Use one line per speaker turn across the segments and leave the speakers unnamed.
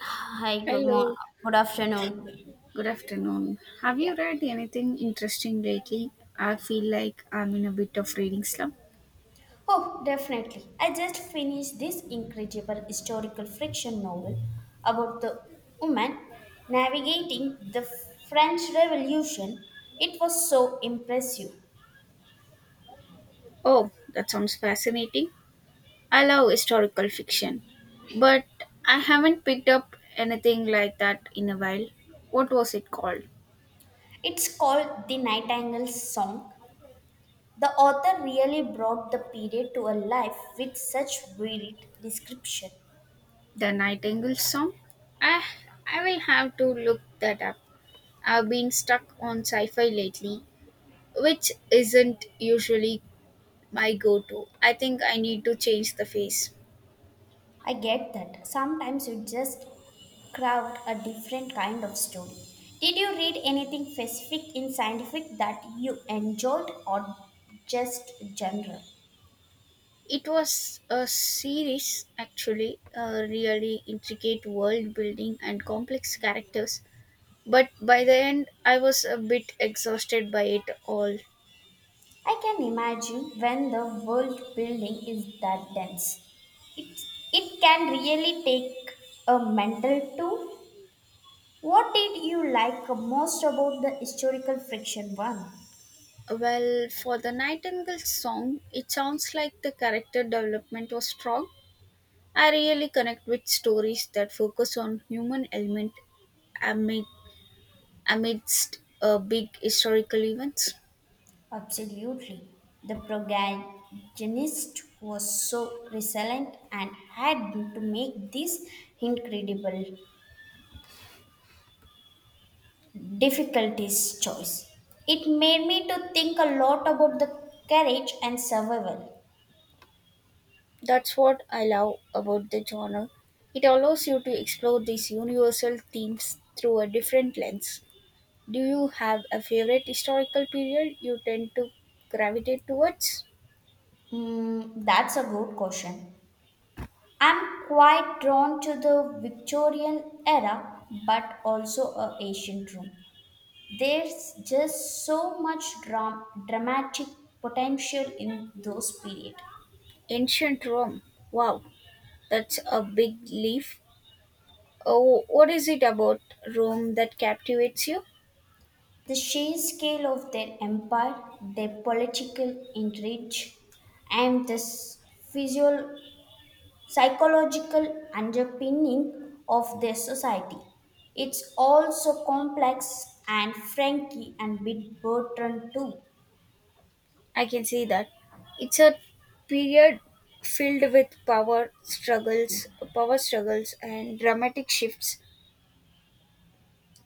Hi, good morning.
Hello,
Good afternoon.
good afternoon. Have
Yeah.
you read anything interesting lately? I feel like I'm in a bit of reading slump.
Oh, definitely. I just finished this incredible historical fiction novel about the woman navigating the French Revolution. It was so impressive.
Oh, that sounds fascinating. I love historical fiction, but I haven't picked up anything like that in a while. What was it called?
It's called The Nightingale's Song. The author really brought the period to a life with such vivid description.
The Nightingale Song? I, I will have to look that up. I've been stuck on sci fi lately, which isn't usually my go to. I think I need to change the face.
I get that. Sometimes you just craft a different kind of story. Did you read anything specific in scientific that you enjoyed or just general?
It was a series, actually, a really intricate world building and complex characters. But by the end, I was a bit exhausted by it all.
I can imagine when the world building is that dense. It, it can really take a mental toll. What did you like most about the historical fiction one?
Well, for the Nightingale song, it sounds like the character development was strong. I really connect with stories that focus on human element amid, amidst big historical events.
Absolutely. The protagonist was so resilient and had to make this incredible difficulties choice. It made me to think a lot about the courage and survival.
That's what I love about the genre. It allows you to explore these universal themes through a different lens. Do you have a favorite historical period you tend to gravitate towards?
That's a good question. I'm quite drawn to the Victorian era, but also a ancient Rome. There's just so much dramatic potential in those period.
Ancient Rome. Wow, that's a big leap. Oh, what is it about Rome that captivates you?
The sheer scale of their empire, their political intrigue, and the physio- psychological underpinning of their society. It's all so complex and franky and bit Bertrand too.
I can see that. It's a period filled with power struggles and dramatic shifts.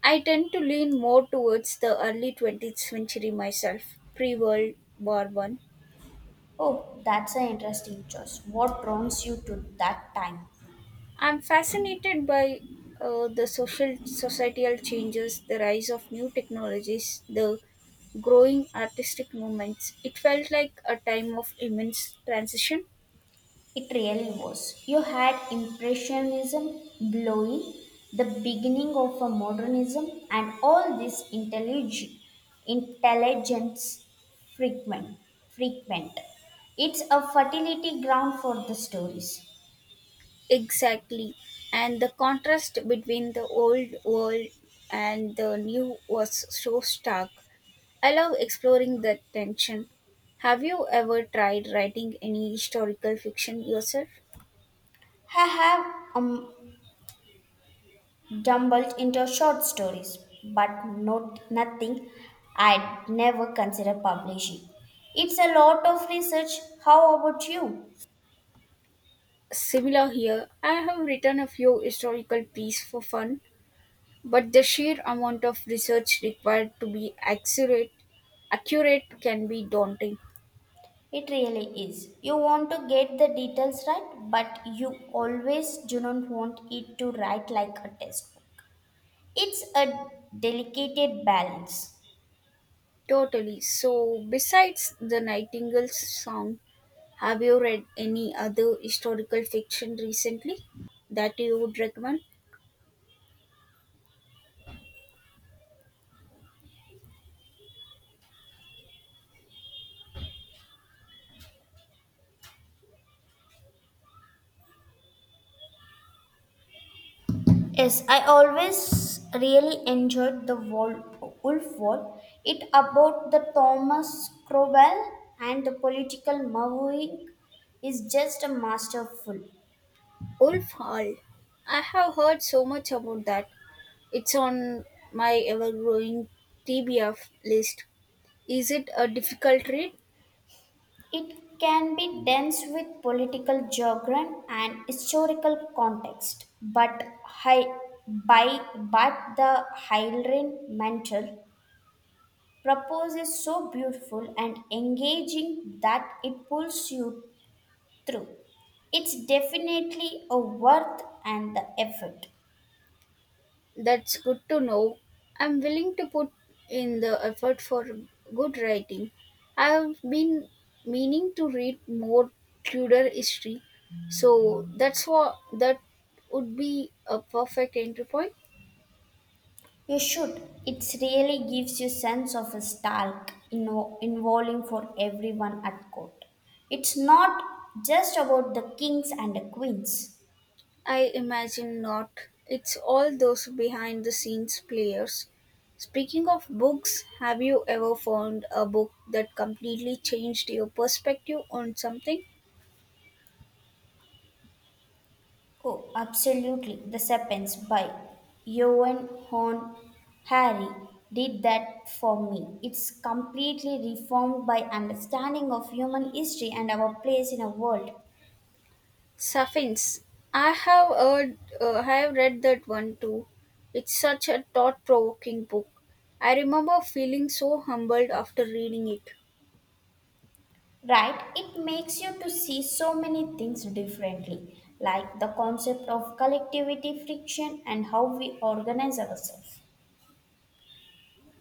I tend to lean more towards the early 20th century myself, pre World War One.
Oh, that's an interesting choice. What draws you to that time?
I'm fascinated by the social societal changes, the rise of new technologies, the growing artistic movements. It felt like a time of immense transition.
It really was. You had Impressionism blowing, the beginning of a modernism, and all this intelligence frequent. frequent. It's a fertility ground for the stories.
Exactly. And the contrast between the old world and the new was so stark. I love exploring that tension. Have you ever tried writing any historical fiction yourself?
I have um, stumbled into short stories, but not nothing I'd never consider publishing. It's a lot of research. How about you?
Similar here, I have written a few historical pieces for fun, but the sheer amount of research required to be accurate can be daunting.
It really is. You want to get the details right, but you always do not want it to write like a textbook. It's a delicate balance.
Totally. So, besides the Nightingale's song, have you read any other historical fiction recently that you would recommend?
Yes, I always really enjoyed the Wolf War. It about the Thomas Cromwell and the political moving is just a masterful.
Wolf Hall. I have heard so much about that. It's on my ever growing TBF list. Is it a difficult read?
It can be dense with political jargon and historical context, but hi- by but the Hylrin mantle proposes so beautiful and engaging that it pulls you through. It's definitely a worth and the effort.
That's good to know. I'm willing to put in the effort for good writing. I've been meaning to read more Tudor history, so that's what that would be a perfect entry point.
You should. It really gives you sense of a stark involving for everyone at court. It's not just about the kings and the queens.
I imagine not. It's all those behind the scenes players. Speaking of books, have you ever found a book that completely changed your perspective on something?
Oh, absolutely. The Serpents by Johan Horn Harry did that for me. It's completely reformed by understanding of human history and our place in a world.
Sapiens. I have heard, I have read that one too. It's such a thought provoking book. I remember feeling so humbled after reading it.
Right, it makes you to see so many things differently, like the concept of collectivity friction and how we organize ourselves.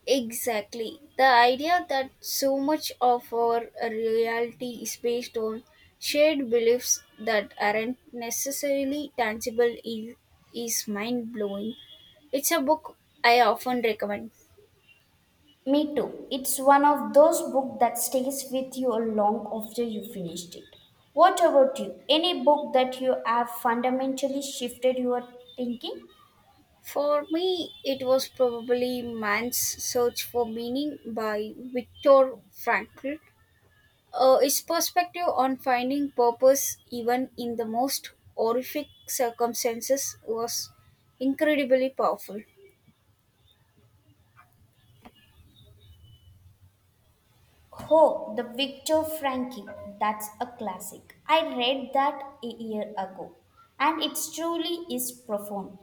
Exactly. The idea that so much of our reality is based on shared beliefs that aren't necessarily is mind blowing. It's a book I often recommend.
Me too, it's one of those books that stays with you long after you finished it. What about you, any book that you have fundamentally shifted your thinking?
For me, it was probably Man's Search for Meaning by Viktor Frankl. Its perspective on finding purpose, even in the most horrific circumstances, was incredibly powerful.
Oh, the Victor Frankie. That's a classic. I read that a year ago, and it truly is profound.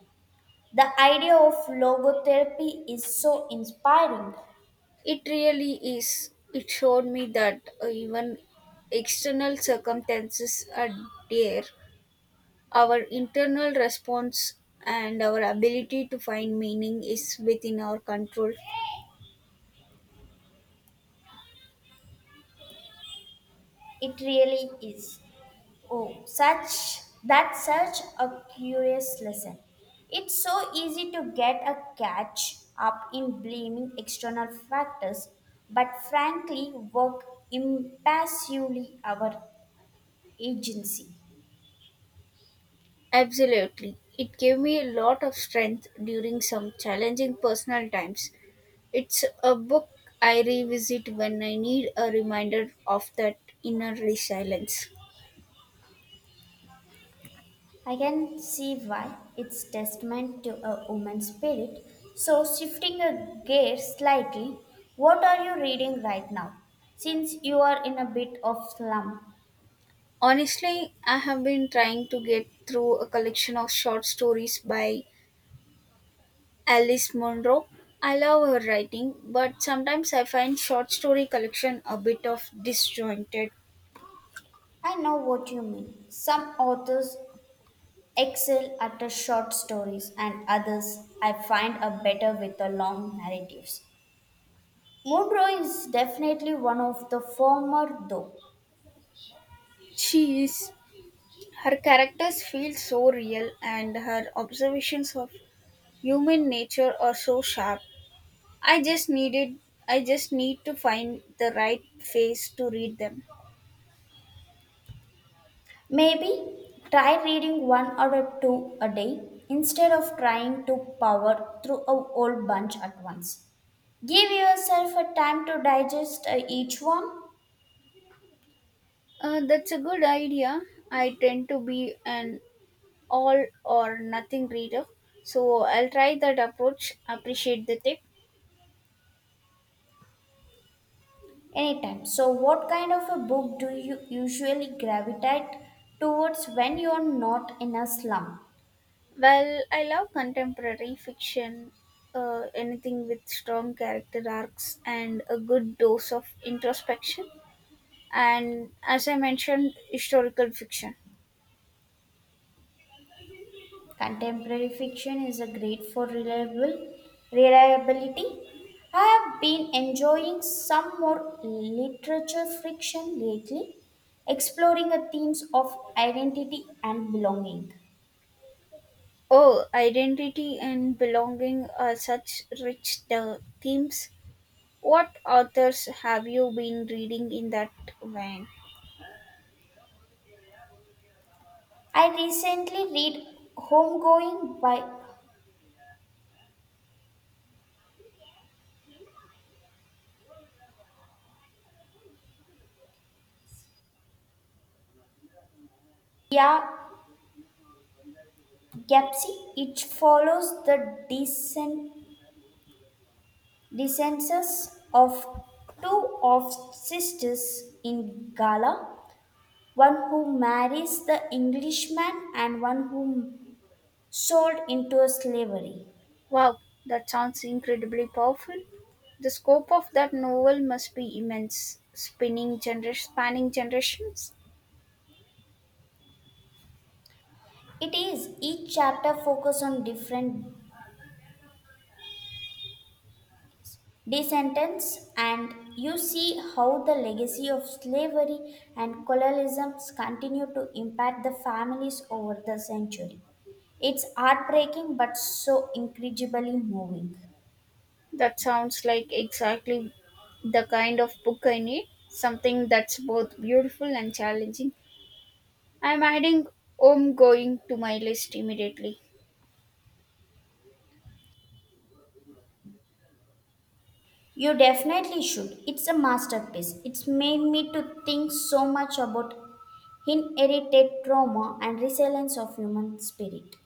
The idea of logotherapy is so inspiring.
It really is. It showed me that even external circumstances are there. Our internal response and our ability to find meaning is within our control.
It really is. Oh, such that's such a curious lesson. It's so easy to get a catch up in blaming external factors, but frankly, work impassively our agency.
Absolutely. It gave me a lot of strength during some challenging personal times. It's a book I revisit when I need a reminder of that inner resilience.
I can see why it's testament to a woman's spirit. So, shifting a gear slightly, what are you reading right now? Since you are in a bit of slump,
Honestly, I have been trying to get through a collection of short stories by Alice Munro. I love her writing, but sometimes I find short story collection a bit of disjointed.
I know what you mean. Some authors excel at the short stories, and others I find are better with the long narratives. Munro is definitely one of the former, though.
She is her characters feel so real and her observations of human nature are so sharp. I just needed I just need to find the right face to read them.
Maybe try reading one or two a day instead of trying to power through a whole bunch at once. Give yourself a time to digest each one
That's a good idea. I tend to be an all or nothing reader. So I'll try that approach, appreciate the tip.
anytime. So, what kind of a book do you usually gravitate towards when you're not in a slump?
Well, I love contemporary fiction, anything with strong character arcs and a good dose of introspection. And as I mentioned, historical fiction.
Contemporary fiction is a great for reliable reliability. I have been enjoying some more literature fiction lately, exploring the themes of identity and belonging.
Oh, identity and belonging are such rich the themes. What authors have you been reading in that vein?
I recently read Homegoing by Dia Gapsi. It follows the descendants of two of sisters in Gala one who marries the Englishman and one who sold into slavery.
Wow, that sounds incredibly powerful. The scope of that novel must be immense, spanning generations.
It is each chapter focus on different descendants and you see how the legacy of slavery and colonialism continue to impact the families over the century. It's heartbreaking but so incredibly moving.
That sounds like exactly the kind of book I need, something that's both beautiful and challenging. I'm adding Home Going to my list immediately.
You definitely should. It's a masterpiece. It's made me to think so much about inherited trauma and resilience of human spirit.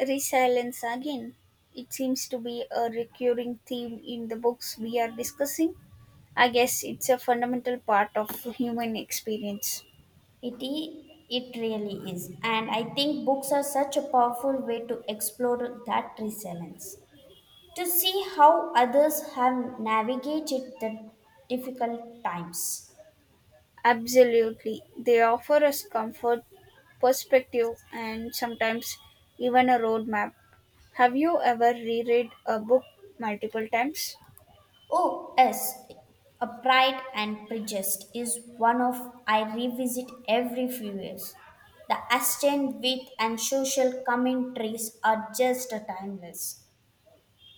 Resilience again. It seems to be a recurring theme in the books we are discussing. I guess it's a fundamental part of human experience.
It i- it really is. And I think books are such a powerful way to explore that resilience. To see how others have navigated the difficult times.
Absolutely. They offer us comfort, perspective, and sometimes even a roadmap. Have you ever reread a book multiple times?
Oh, yes. A Pride and Prejudice is one of I revisit every few years. The Ashton wit and social commentaries are just timeless.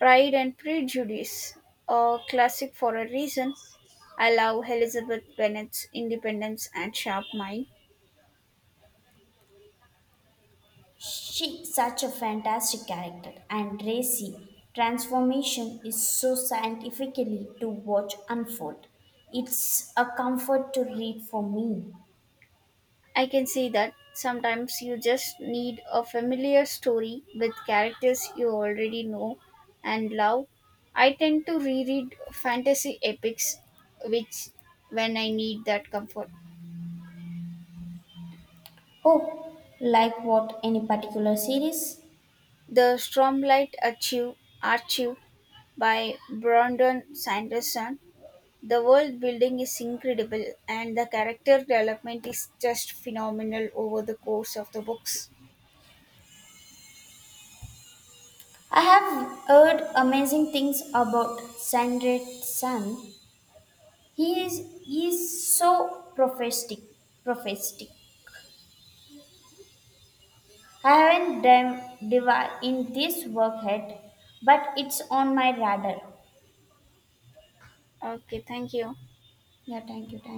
Pride and Prejudice, a classic for a reason. I love Elizabeth Bennet's independence and sharp mind.
She such a fantastic character and Racy transformation is so scientifically to watch unfold. It's a comfort to read for me.
I can see that sometimes you just need a familiar story with characters you already know and love. I tend to reread fantasy epics which when I need that comfort.
Oh, like what any particular series?
The Stormlight Archive by Brandon Sanderson. The world building is incredible and the character development is just phenomenal over the course of the books.
I have heard amazing things about Sandrate San. He is so prophetic. I haven't done in this work yet, but it's on my radar.
Okay, thank you.
Yeah, thank you, thank you.